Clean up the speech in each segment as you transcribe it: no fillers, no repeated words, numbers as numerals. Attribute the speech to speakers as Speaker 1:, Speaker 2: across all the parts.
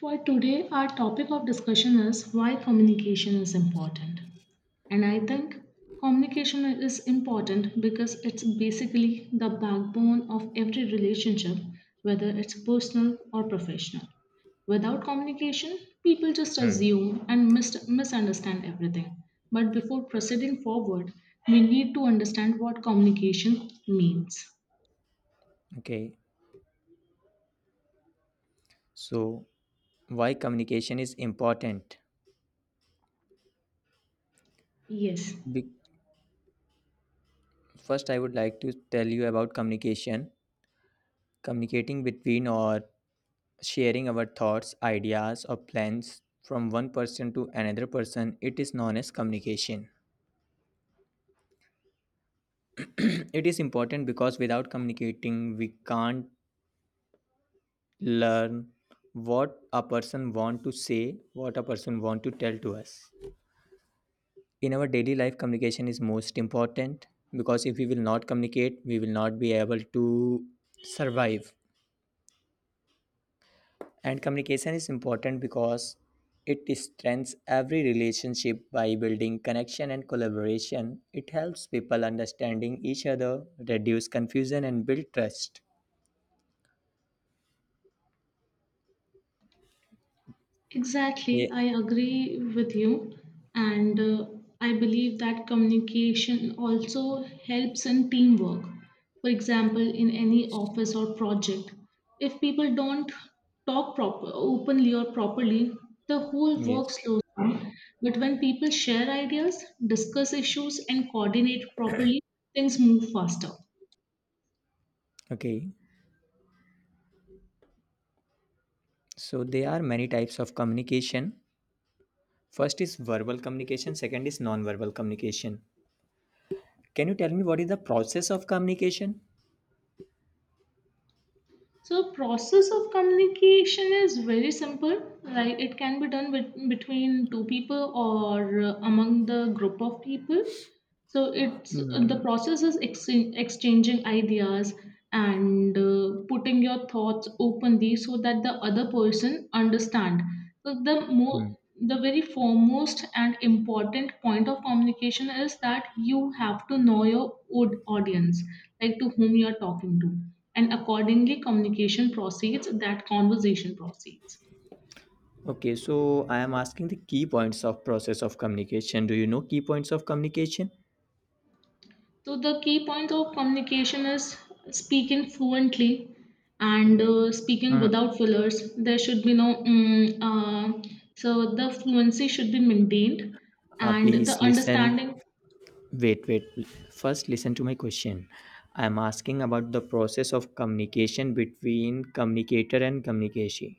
Speaker 1: For today, our topic of discussion is why communication is important. And I think communication is important because it's basically the backbone of every relationship, whether it's personal or professional. Without communication, people just
Speaker 2: Mm,
Speaker 1: assume and misunderstand everything. But before proceeding forward, we need to understand what communication means.
Speaker 2: okay. So, why communication is important?
Speaker 1: Yes.
Speaker 2: Be- First, I would like to tell you about communication. Communicating between or sharing our thoughts, ideas, or plans from one person to another person, it is known as communication. It is important because without communicating, we can't learn what a person want to say, what a person want to tell to us. In our daily life communication is most important because if we will not communicate we will not be able to survive, and communication is important because it strengthens every relationship by building connection and collaboration. It helps people understanding each other, reduce confusion and build trust. Yeah,
Speaker 1: Exactly, I agree with you, and I believe that communication also helps in teamwork. For example, in any office or project, if people don't talk proper, openly or properly, the whole work
Speaker 2: yes,
Speaker 1: slows down. But when people share ideas, discuss issues, and coordinate properly, things move faster.
Speaker 2: okay. So there are many types of communication. First is verbal communication, second is non-verbal communication. Can you tell me what is the process of communication?
Speaker 1: So process of communication is very simple. Like it can be done between two people or among the group of people, so it's the
Speaker 2: Mm,
Speaker 1: process is exchanging ideas and putting your thoughts openly so that the other person understand. So
Speaker 2: mhm.
Speaker 1: the very foremost and important point of communication is that you have to know your audience, like to whom you are talking to, and accordingly communication proceeds that conversation proceeds.
Speaker 2: Okay, so I am asking the key points of process of communication. Do you know key points of communication?
Speaker 1: So the key point of communication is speaking fluently and speaking
Speaker 2: Uh,
Speaker 1: without fillers. There should be no so the fluency should be maintained and
Speaker 2: please
Speaker 1: the
Speaker 2: listen.
Speaker 1: understanding.
Speaker 2: Wait, wait. First, listen to my question. I am asking about the process of communication between communicator and communication.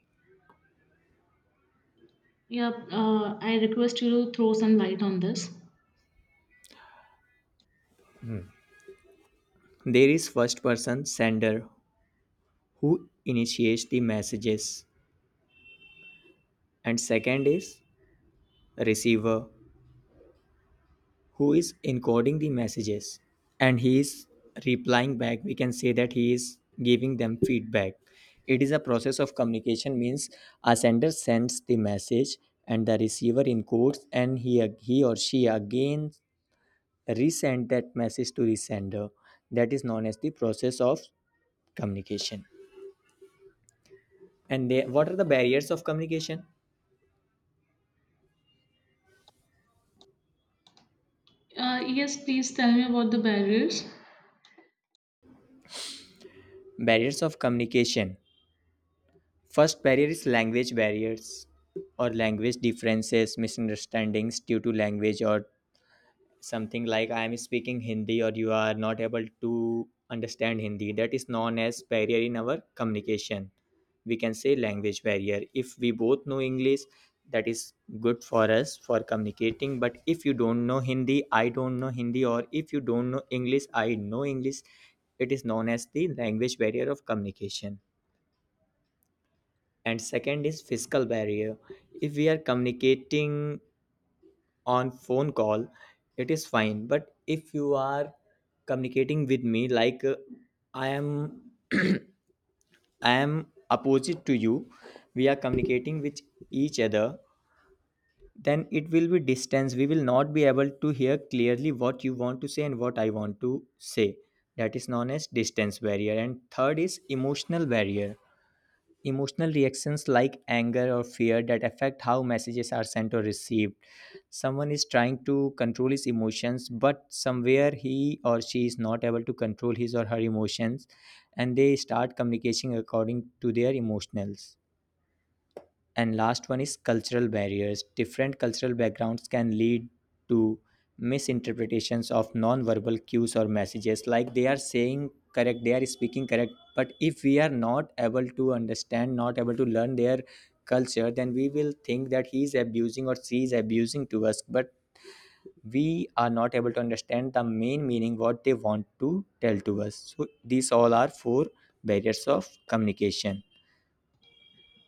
Speaker 1: Yeah, I request you to throw some light on this.
Speaker 2: There is first person sender who initiates the messages, and second is receiver who is encoding the messages, and he is replying back. We can say that he is giving them feedback. It is a process of communication means a sender sends the message and the receiver encodes, and he or she again resend that message to the sender. That is known as the process of communication. And they, what are the barriers of communication?
Speaker 1: Yes, please tell me about the barriers.
Speaker 2: Barriers of communication. First barrier is language barriers or language differences, misunderstandings due to language, or something like I am speaking Hindi or you are not able to understand Hindi. That is known as barrier in our communication. We can say language barrier. If we both know English, that is good for us for communicating. But if you don't know Hindi, I don't know Hindi, or if you don't know English, I know English, it is known as the language barrier of communication. And second is physical barrier. If we are communicating on phone call, it is fine. But if you are communicating with me like i am I am opposite to you, we are communicating with each other, then it will be distance. We will not be able to hear clearly what you want to say and what I want to say. That is known as distance barrier. And third is emotional barrier. Emotional reactions like anger or fear that affect how messages are sent or received. Someone is trying to control his emotions, but somewhere he or she is not able to control his or her emotions, and they start communicating according to their emotionals. And last one is cultural barriers. Different cultural backgrounds can lead to misinterpretations of non-verbal cues or messages, like they are saying correct, they are speaking correct, but if we are not able to understand, not able to learn their culture, then we will think that he is abusing or she is abusing to us, but we are not able to understand the main meaning what they want to tell to us. So these all are four barriers of communication.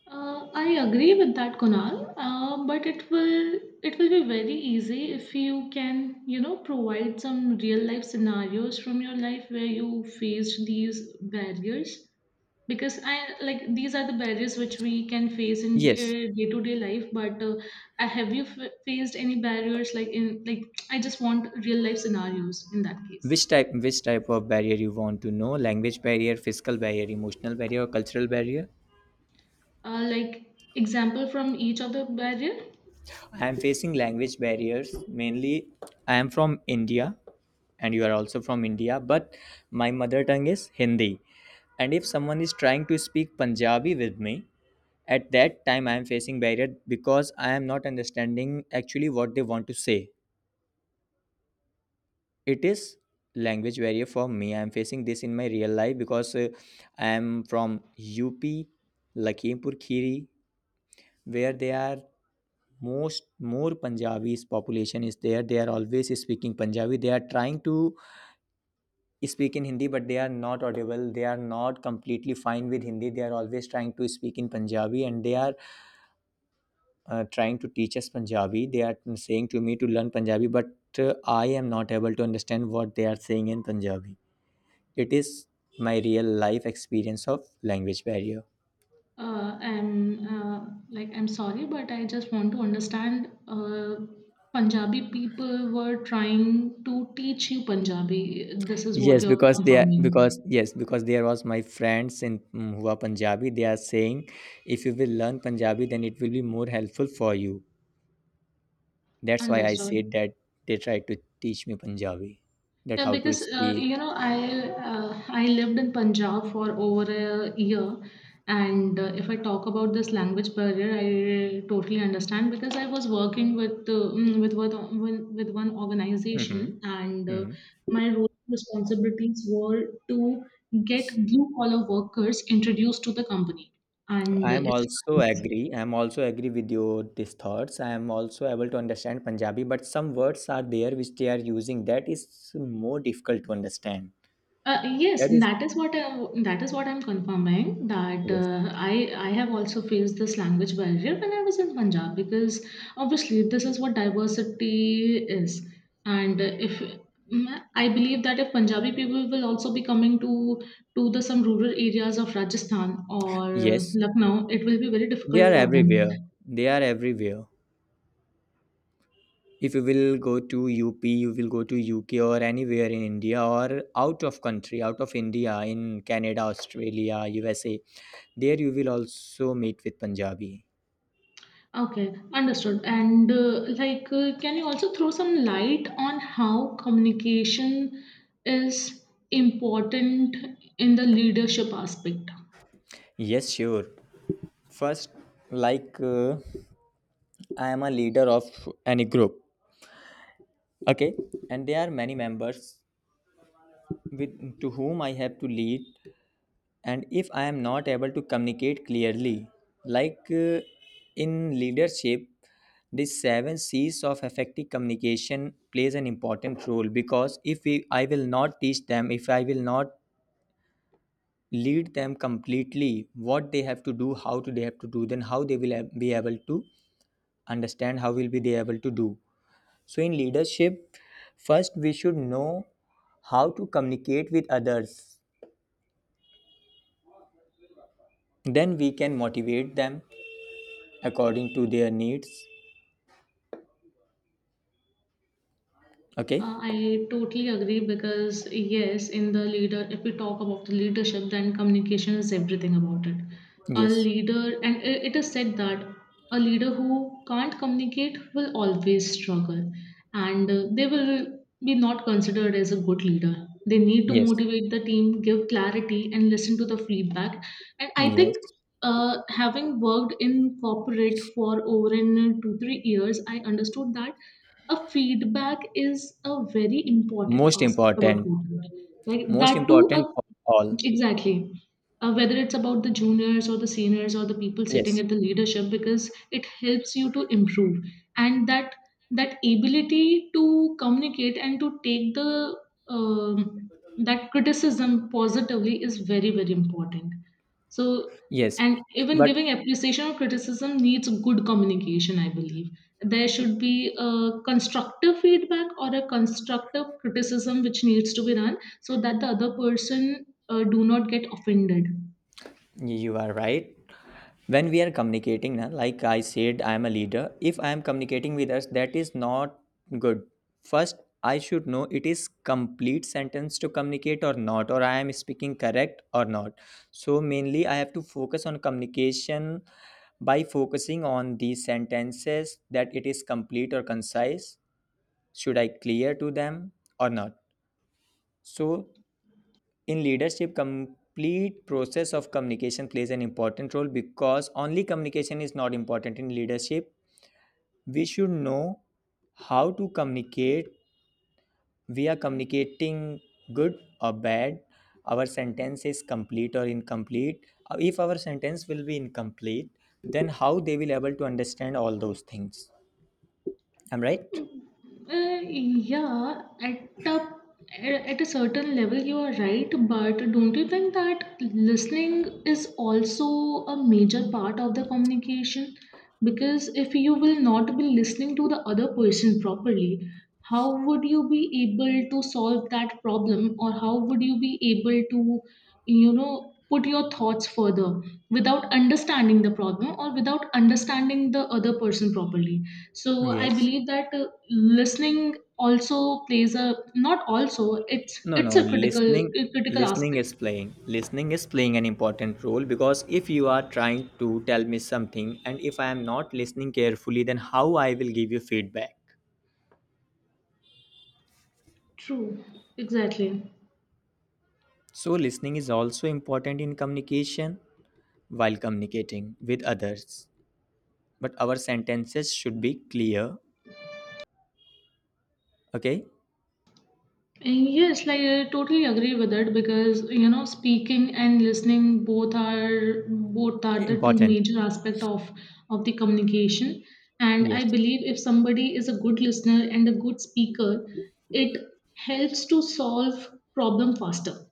Speaker 1: I agree with that, Kunal. But it will be very easy if you can, provide some real life scenarios from your life where you faced these barriers. Because I like these are the barriers which we can face in
Speaker 2: Yes,
Speaker 1: day to day life. But have you faced any barriers like I just want real life scenarios in that case.
Speaker 2: which type, which type of barrier you want to know? Language barrier, physical barrier, emotional barrier, or cultural barrier?
Speaker 1: Like, example from each of the barrier.
Speaker 2: I am facing language barriers mainly. I am from India, and you are also from India, but my mother tongue is Hindi. And if someone is trying to speak Punjabi with me, at that time I am facing barrier because I am not understanding actually what they want to say. It is language barrier for me. I'm facing this in my real life because I'm from UP, Lakhimpur Khiri, where they are most, more Punjabis population is there. They are always speaking Punjabi. They are trying to speak in Hindi, but they are not audible. They are not completely fine with Hindi. They are always trying to speak in Punjabi, and they are trying to teach us Punjabi. They are saying to me to learn Punjabi, but uh, I am not able to understand what they are saying in Punjabi. It is my real life experience of language barrier.
Speaker 1: I'm like I'm sorry, but I just want to understand. Punjabi people were trying to teach you Punjabi. This is what
Speaker 2: Yes,
Speaker 1: you're
Speaker 2: because they are, because
Speaker 1: confirming.
Speaker 2: yes, because there was my friends in who are Punjabi. They are saying, if you will learn Punjabi, then it will be more helpful for you. That's why I
Speaker 1: Understood.
Speaker 2: said that they tried to teach me Punjabi, that
Speaker 1: Yeah,
Speaker 2: how to
Speaker 1: because
Speaker 2: speak.
Speaker 1: I lived in Punjab for over a year, and if I talk about this language barrier, I totally understand because I was working with mm, with one with one- with one organization,
Speaker 2: Mhm.
Speaker 1: and
Speaker 2: Mm.
Speaker 1: my role and responsibilities were to get blue collar workers introduced to the company
Speaker 2: I
Speaker 1: and
Speaker 2: am
Speaker 1: its
Speaker 2: also
Speaker 1: values.
Speaker 2: agree. I am also agree with your these thoughts. I am also able to understand Punjabi, but some words are there which they are using that is more difficult to understand.
Speaker 1: Yes,
Speaker 2: That is,
Speaker 1: that is what I'm confirming that
Speaker 2: yes.
Speaker 1: I have also faced this language barrier when I was in Punjab because obviously this is what diversity is, and if mm, I believe that if Punjabi people will also be coming to the some rural areas of Rajasthan or
Speaker 2: Yes,
Speaker 1: Lucknow, it will be very
Speaker 2: they are
Speaker 1: difficult for them.
Speaker 2: everywhere. They are everywhere. If you will go to UP, you will go to UK or anywhere in India or out of country, out of India, in Canada, Australia, USA, there you will also meet with Punjabi.
Speaker 1: Okay, understood. And like, can you also throw some light on how communication is important in the leadership aspect?
Speaker 2: Yes, sure. First, like I am a leader of any group, okay, and there are many members with to whom I have to lead. And if I am not able to communicate clearly, like in leadership the seven c's of effective communication plays an important role, because if we, I will not teach them, if I will not lead them completely what they have to do, how to they have to do, then how they will be able to understand, how will be they able to do. So in leadership, first we should know how to communicate with others, then we can motivate them according to their needs, okay?
Speaker 1: I totally agree because yes, in the leader, if we talk about the leadership, then communication is everything about it. A
Speaker 2: Yes,
Speaker 1: leader, and it is said that a leader who can't communicate will always struggle, and they will be not considered as a good leader. They need to
Speaker 2: yes,
Speaker 1: motivate the team, give clarity, and listen to the feedback. And I think
Speaker 2: yes.
Speaker 1: having worked in corporate for over in 2-3 years, I understood that a feedback is a very important
Speaker 2: Most
Speaker 1: aspect about
Speaker 2: important.
Speaker 1: content like
Speaker 2: Most
Speaker 1: that too
Speaker 2: important
Speaker 1: a
Speaker 2: for all.
Speaker 1: Exactly. Whether it's about the juniors or the seniors or the people sitting
Speaker 2: Yes,
Speaker 1: at the leadership, because it helps you to improve, and that ability to communicate and to take the um, that criticism positively is very very important. So,
Speaker 2: yes,
Speaker 1: and even
Speaker 2: but
Speaker 1: giving appreciation or criticism needs good communication. I believe there should be a constructive feedback or a constructive criticism which needs to be done so that the other person do not get offended.
Speaker 2: you are right. When we are communicating na, like I said, I am a leader. If I am communicating with us, that is not good. First, I should know, it is complete sentence to communicate or not, or I am speaking correct or not. So mainly I have to focus on communication by focusing on these sentences, that it is complete or concise, should I clear to them or not. So in leadership complete process of communication plays an important role, because only communication is not important in leadership. We should know how to communicate. We are communicating good or bad? Our sentence is complete or incomplete? If our sentence will be incomplete, then how they will able to understand all those things? Am right?
Speaker 1: Uh, yeah, at a certain level, you are right, but don't you think that listening is also a major part of the communication? Because if you will not be listening to the other person properly, how would you be able to solve that problem, or how would you be able to, you know, put your thoughts further without understanding the problem or without understanding the other person properly? So I
Speaker 2: Yes.
Speaker 1: believe that listening also plays a not also it's
Speaker 2: No,
Speaker 1: it's
Speaker 2: no,
Speaker 1: a critical
Speaker 2: listening,
Speaker 1: a critical aspect.
Speaker 2: Listening is playing an important role, because if you are trying to tell me something and if I am not listening carefully, then how I will give you feedback.
Speaker 1: True, exactly.
Speaker 2: So listening is also important in communication while communicating with others. But our sentences should be clear, okay?
Speaker 1: And yes, like I totally agree with it because speaking and listening both are the two
Speaker 2: Important.
Speaker 1: major aspect of the communication. And I
Speaker 2: Yes.
Speaker 1: believe if somebody is a good listener and a good speaker, it helps to solve problem faster.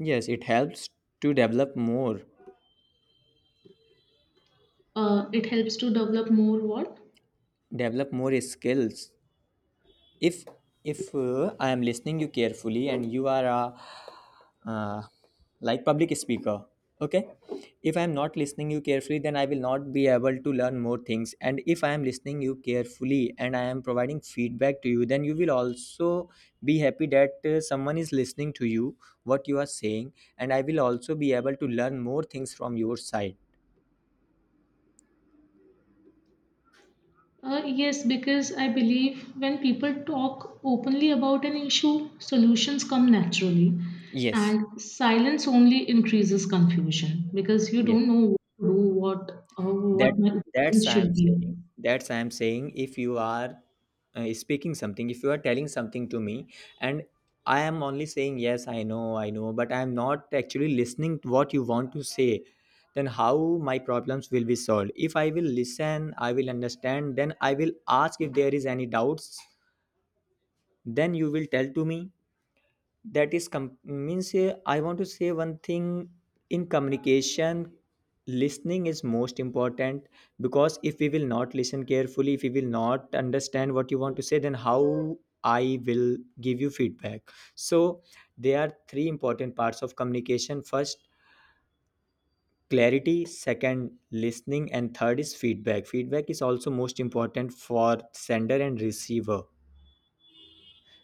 Speaker 2: Yes, it helps to
Speaker 1: It helps to develop more what.
Speaker 2: develop more skills. if if I am listening you carefully and you are a uh, like public speaker, okay? If I am not listening you carefully, then I will not be able to learn more things. And if I am listening you carefully and I am providing feedback to you, then you will also be happy that someone is listening to you, what you are saying, and I will also be able to learn more things from your side.
Speaker 1: Yes, because I believe when people talk openly about an issue, solutions come naturally.
Speaker 2: Yes,
Speaker 1: And silence only increases confusion because you
Speaker 2: yes.
Speaker 1: don't know what to do, uh,
Speaker 2: that
Speaker 1: what my
Speaker 2: that's
Speaker 1: opinions
Speaker 2: i am
Speaker 1: should be.
Speaker 2: saying That's I am saying, if you are speaking something, if you are telling something to me, and I am only saying yes, I know, I know, but I am not actually listening to what you want to say, then how my problems will be solved? If I will listen, I will understand, then I will ask if there is any doubts, then you will tell to me. That is means I want to say one thing. In communication, listening is most important, because if we will not listen carefully, if we will not understand what you want to say, then how I will give you feedback. So there are three important parts of communication. First, clarity, second, listening, and third is feedback. Feedback is also most important for sender and receiver,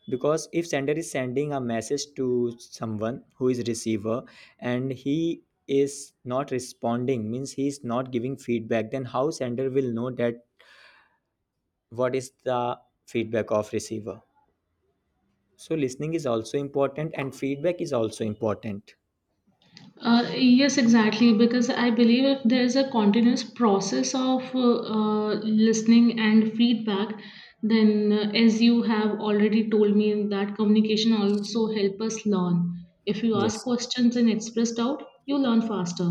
Speaker 2: because if sender is sending a message to someone who is receiver, and he is not responding, means he is not giving feedback, then how sender will know that what is the feedback of receiver? So listening is also important and feedback is also important.
Speaker 1: Yes, exactly. Because I believe if there is a continuous process of listening and feedback, then as you have already told me, that communication also help us learn. If you ask
Speaker 2: Yes,
Speaker 1: questions and express doubt, you learn faster.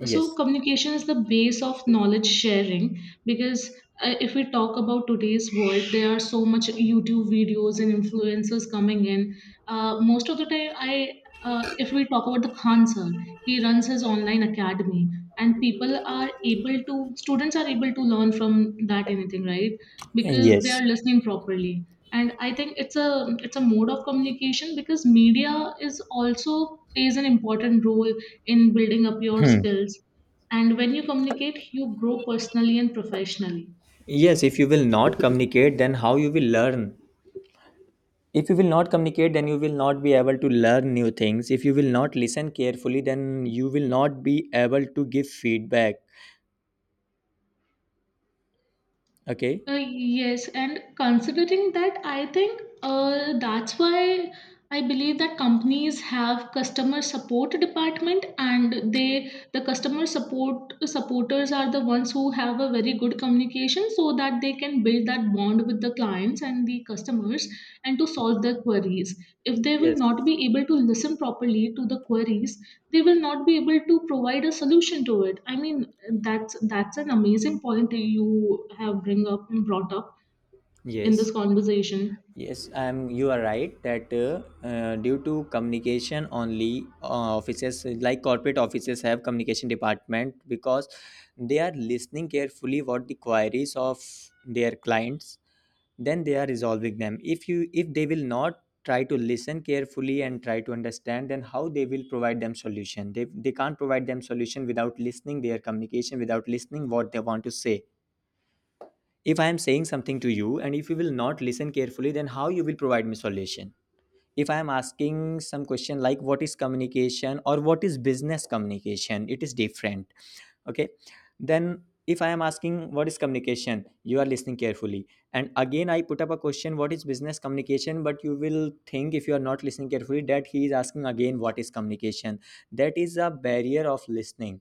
Speaker 2: yes,
Speaker 1: So, communication is the base of knowledge sharing because if we talk about today's world, there are so much YouTube videos and influencers coming in. Most of the time, I if we talk about the Khan sir, he runs his online academy, and people are able to students are able to learn from that anything, right? Because they are
Speaker 2: yes.
Speaker 1: listening properly, and I think it's a mode of communication because media is also plays an important role in building up your
Speaker 2: Hmm.
Speaker 1: skills, and when you communicate you grow personally and professionally.
Speaker 2: Yes, if you will not communicate, then how you will learn? If you will not communicate, then you will not be able to learn new things. If you will not listen carefully, then you will not be able to give feedback. Okay.
Speaker 1: Yes, and considering that, I think that's why I believe that companies have customer support department, and the customer support supporters are the ones who have a very good communication, so that they can build that bond with the clients and the customers, and to
Speaker 2: Y-
Speaker 1: solve their queries. If they will
Speaker 2: yes,
Speaker 1: not be able to listen properly to the queries, they will not be able to provide a solution to it. I mean, that's an amazing point that you have bring up and brought up in
Speaker 2: yes.
Speaker 1: this conversation.
Speaker 2: Yes, I'm. You are right that due to communication only, offices like corporate offices have communication department, because they are listening carefully what the queries of their clients. Then they are resolving them. If they will not try to listen carefully and try to understand, then how they will provide them solution? They can't provide them solution without listening their communication, without listening what they want to say. If I am saying something to you and if you will not listen carefully, then how you will provide me solution? If I am asking some question like what is communication or what is business communication, it is different. Okay. Then if I am asking what is communication, you are listening carefully, and again I put up a question, what is business communication, but you will think, if you are not listening carefully, that he is asking again what is communication. That is a barrier of listening.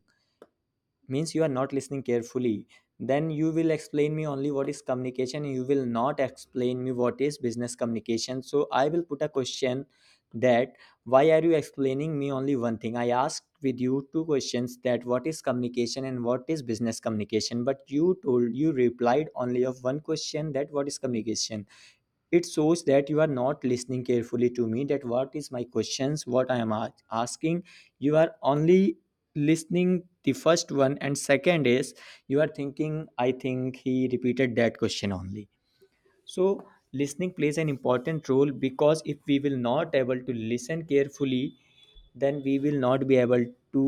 Speaker 2: Means you are not listening carefully. Then you will explain me only what is communication and you will not explain me what is business communication, so I will put a question that why are you explaining me only one thing? I asked with you two questions, that what is communication and what is business communication, but you told, you replied only of one question, that what is communication. It shows that you are not listening carefully to me, that what is my questions, what I am asking. You are only listening the first one, and second is you are thinking, I think he repeated that question only. So listening plays an important role, because if we will not able to listen carefully, then we will not be able to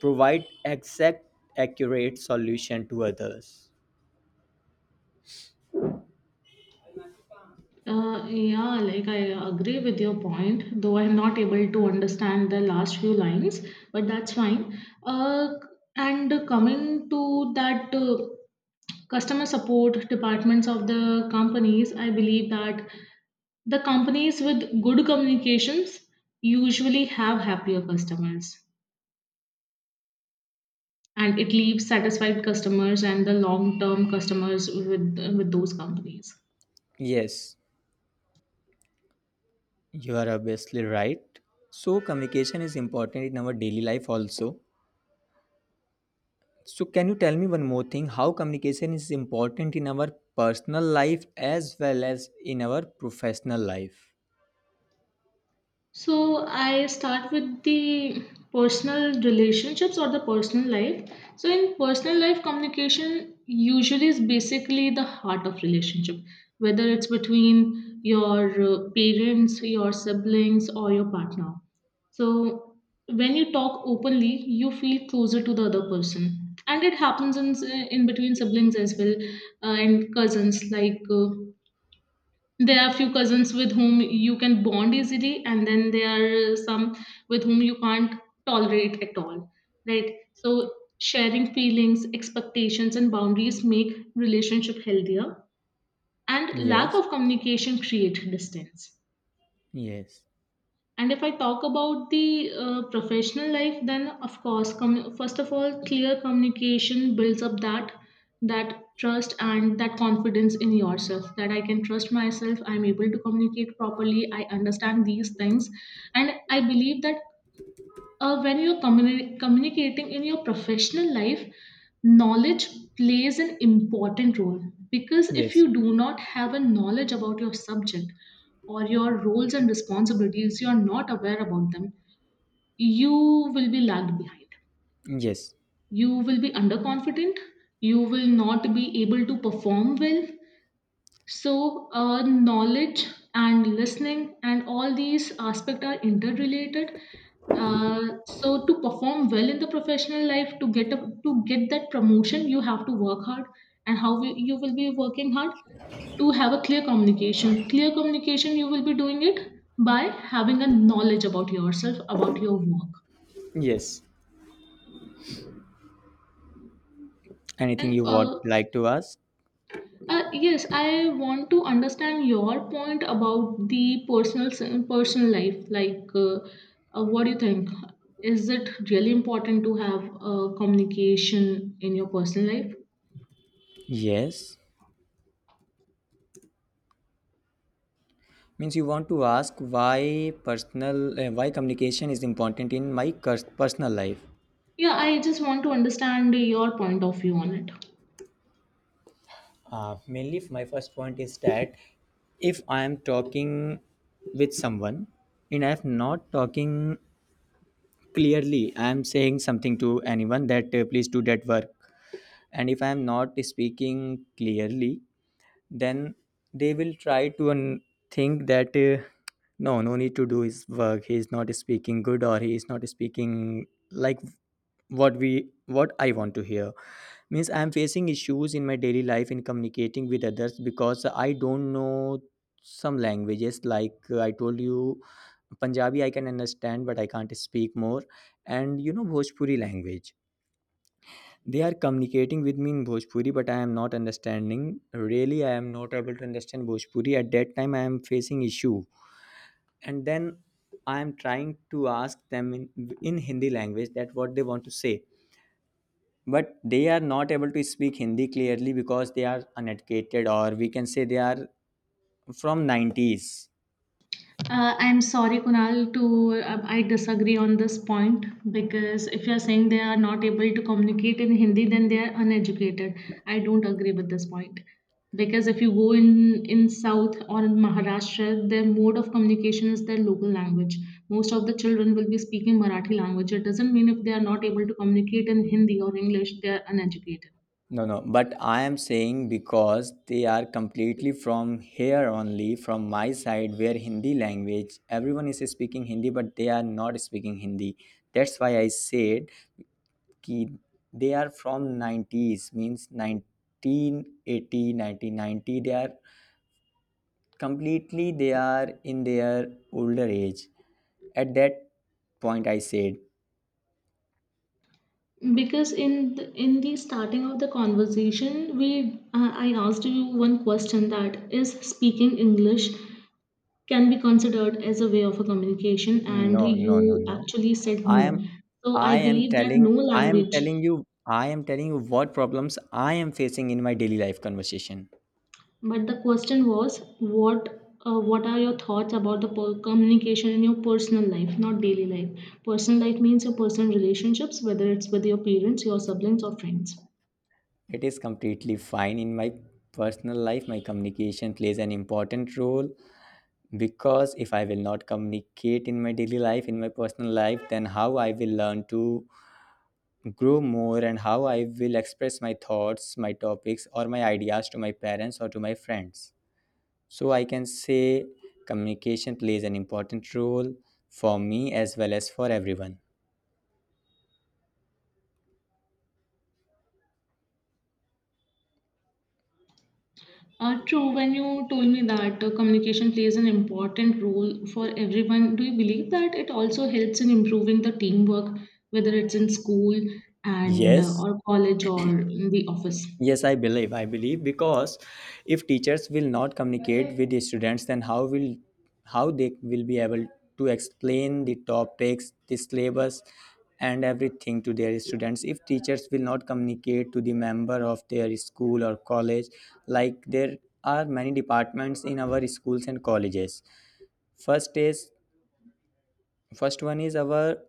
Speaker 2: provide exact accurate solution to others.
Speaker 1: Yeah, like I agree with your point, though I'm not able to understand the last few lines, but that's fine. Uh, and coming to that customer support departments of the companies, I believe that the companies with good communications usually have happier customers, and it leaves satisfied customers and the long term customers with those companies.
Speaker 2: Yes. You are obviously right. So, communication is important in our daily life also. So, can you tell me one more thing, how communication is important in our personal life as well as in our professional life?
Speaker 1: So I start with the personal relationships or the personal life. So in personal life, communication usually is basically the heart of relationship, whether it's between your parents, your siblings, or your partner. So when you talk openly, you feel closer to the other person, and it happens in between siblings as well, and cousins, like. There are few cousins with whom you can bond easily, and then there are some with whom you can't tolerate at all, right? So sharing feelings, expectations, and boundaries make relationship healthier, and lack
Speaker 2: Yes,
Speaker 1: of communication create distance.
Speaker 2: yes,
Speaker 1: And if I talk about the professional life, then of course, first of all, clear communication builds up that trust and that confidence in yourself. That I can trust myself. I'm able to communicate properly. I understand these things, and I believe that when you're communicating in your professional life, knowledge plays an important role because if
Speaker 2: yes,
Speaker 1: you do not have a knowledge about your subject or your roles and responsibilities, you're not aware about them, you will be lagged behind.
Speaker 2: yes,
Speaker 1: You will be underconfident, you will not be able to perform well, so, knowledge and listening and all these aspects are interrelated. Uh, so, to perform well in the professional life, to get that promotion, you have to work hard. And you will be working hard to have a clear communication. Clear communication, you will be doing it by having a knowledge about yourself, about your work.
Speaker 2: yes. Anything
Speaker 1: And
Speaker 2: you would like to ask?
Speaker 1: Yes, I want to understand your point about the personal personal life. Like, what do you think? Is it really important to have communication in your personal life?
Speaker 2: Yes. Means you want to ask why personal, why communication is important in my personal life.
Speaker 1: Yeah, I just want to understand your point of view on it.
Speaker 2: Mainly, my first point is that if I am talking with someone and I am not talking clearly, I am saying something to anyone that please do that work. And if I am not speaking clearly, then they will try to think that no, no need to do his work, he is not speaking good, or he is not speaking like what we, what I want to hear. Means I am facing issues in my daily life in communicating with others because I don't know some languages, like I told you, Punjabi I can understand but I can't speak more. And you know Bhojpuri language, they are communicating with me in Bhojpuri, but I am not understanding. Really, I am not able to understand Bhojpuri. At that time, I am facing issue, and then I am trying to ask them in Hindi language that what they want to say. But they are not able to speak Hindi clearly because they are uneducated, or we can say they are from 90s.
Speaker 1: I'm sorry, Kunal, to I disagree on this point because if you're saying they are not able to communicate in Hindi, then they are uneducated. I don't agree with this point because if you go in South or in Maharashtra, their mode of communication is their local language. Most of the children will be speaking Marathi language. It doesn't mean if they are not able to communicate in Hindi or English, they are uneducated.
Speaker 2: No, no, but I am saying because they are completely from here only, from my side, where Hindi language, everyone is speaking Hindi, but they are not speaking Hindi. That's why I said ki they are from 90s, means 1980, 1990. They are completely, they are in their older age. At that point, I said,
Speaker 1: Because in the starting of the conversation we I asked you one question that is speaking English can be considered as a way of a communication, and
Speaker 2: no, no, no,
Speaker 1: you
Speaker 2: no.
Speaker 1: actually said
Speaker 2: I
Speaker 1: no.
Speaker 2: am
Speaker 1: So I believe that no
Speaker 2: I am
Speaker 1: language.
Speaker 2: telling you I am telling you what problems I am facing in my daily life conversation.
Speaker 1: But the question was what are your thoughts about the communication in your personal life, not daily life. Personal life means your personal relationships, whether it's with your parents, your siblings, or friends.
Speaker 2: It is completely fine in my personal life. My communication plays an important role, because if I will not communicate in my daily life, in my personal life, then how I will learn to grow more, and how I will express my thoughts, my topics, or my ideas to my parents or to my friends. So I can say communication plays an important role for me as well as for everyone.
Speaker 1: True, when you told me that communication plays an important role for everyone, do you believe that it also helps in improving the teamwork, whether it's in school and
Speaker 2: Yes,
Speaker 1: or college or in the office?
Speaker 2: yes, I believe. I believe, because if teachers will not communicate with the students, then how will, how they will be able to explain the topics, the syllabus, and everything to their students, if teachers will not communicate to the member of their school or college. Like, there are many departments in our schools and colleges. first is First one is our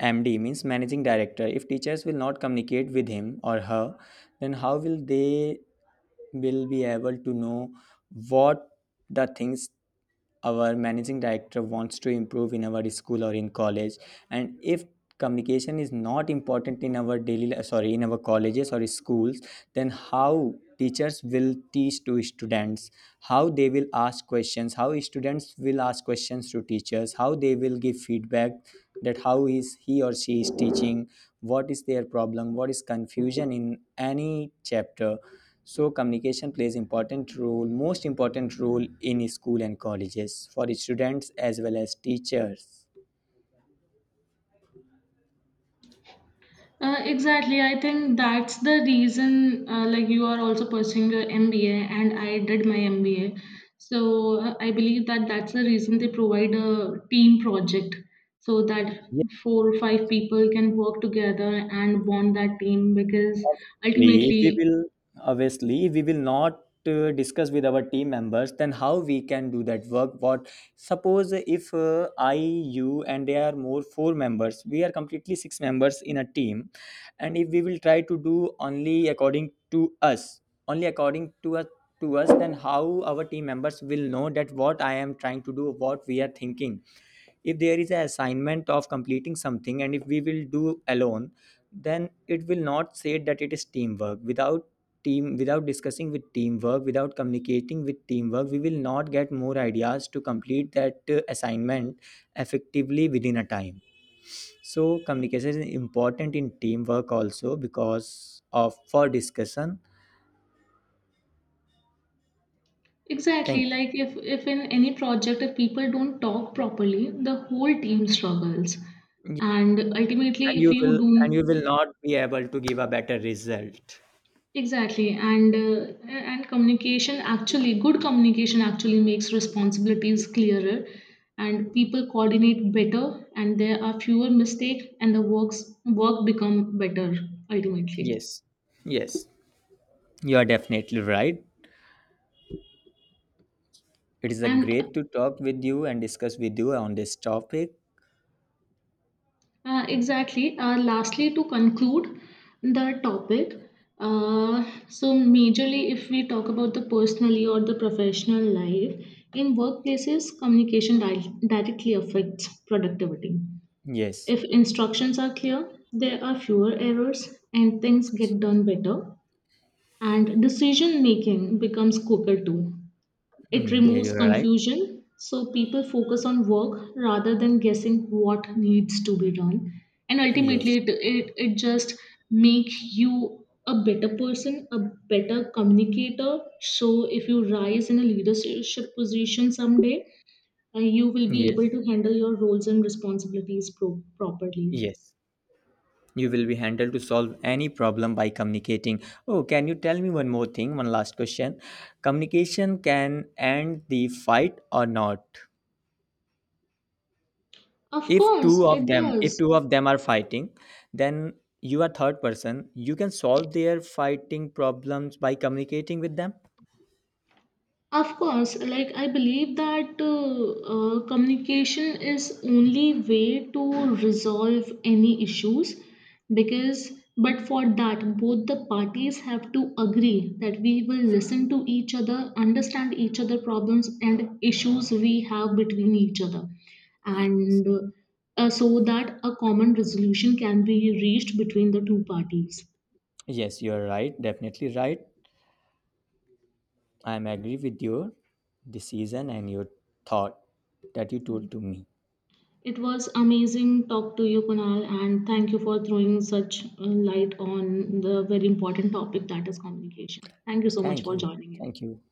Speaker 2: MD, means managing director. If teachers will not communicate with him or her, then how will they will be able to know what the things our managing director wants to improve in our school or in college. And if communication is not important in our sorry, in our colleges or schools, then how teachers will teach to students, how they will ask questions, how students will ask questions to teachers, how they will give feedback, that how is he or she is teaching, what is their problem, what is confusion in any chapter. So communication plays important role, most important role, in school and colleges for students as well as teachers.
Speaker 1: Exactly. I think that's the reason, like, you are also pursuing your MBA, and I did my MBA. So, I believe that that's the reason they provide a team project so that four or five people can work together and bond that team because
Speaker 2: Obviously, if we
Speaker 1: ultimately,
Speaker 2: will obviously if we will not discuss with our team members, then how we can do that work. What, suppose if I, you, and there are more four members, we are completely six members in a team, and if we will try to do only according to us only according to us to us, then how our team members will know that what I am trying to do, what we are thinking. If there is an assignment of completing something, and if we will do alone, then it will not say that it is teamwork. Without team, without discussing with teamwork, without communicating with teamwork, we will not get more ideas to complete that assignment effectively within a time. So communication is important in teamwork also, because of for discussion.
Speaker 1: exactly,
Speaker 2: Thank you.
Speaker 1: like, if in any project, if people don't talk properly, the whole team struggles.
Speaker 2: Yeah,
Speaker 1: And ultimately,
Speaker 2: and
Speaker 1: if
Speaker 2: you
Speaker 1: you
Speaker 2: will, and you will
Speaker 1: don't.
Speaker 2: not be able to give a better result.
Speaker 1: Exactly, and good communication actually makes responsibilities clearer, and people coordinate better, and there are fewer mistakes, and the work become better ultimately.
Speaker 2: Yes, yes, you are definitely right. It is a
Speaker 1: And
Speaker 2: great to talk with you and discuss with you on this topic.
Speaker 1: exactly, lastly, to conclude the topic, so majorly if we talk about the personally or the professional life, in workplaces, communication directly affects productivity.
Speaker 2: Yes.
Speaker 1: If instructions are clear, there are fewer errors and things get done better. And decision making becomes quicker too. It
Speaker 2: Mm, yeah,
Speaker 1: removes
Speaker 2: you're right.
Speaker 1: confusion, so people focus on work rather than guessing what needs to be done. And
Speaker 2: Yes.
Speaker 1: ultimately, it just makes you a better person, a better communicator. So, if you rise in a leadership position someday, you will be
Speaker 2: Yes.
Speaker 1: able to handle your roles and responsibilities properly.
Speaker 2: Yes. You will be handled to solve any problem by communicating. Oh, can you tell me one more thing? One last question. Communication can end the fight or not?
Speaker 1: Of
Speaker 2: If
Speaker 1: course,
Speaker 2: two of
Speaker 1: it
Speaker 2: them, if
Speaker 1: does.
Speaker 2: two of them are fighting, then you are third person. You can solve their fighting problems by communicating with them.
Speaker 1: Of course, like I believe that communication is only way to resolve any issues because but for that both the parties have to agree that we will listen to each other, understand each other problems and issues we have between each other, and so that a common resolution can be reached between the two parties.
Speaker 2: Yes, you're right. Definitely right. I am agree with your decision and your thought that you told to me.
Speaker 1: It was amazing talk to you, Kunal, and thank you for throwing such light on the very important topic that is communication. Thank you so much
Speaker 2: Thank
Speaker 1: for
Speaker 2: you.
Speaker 1: joining in.
Speaker 2: Thank you.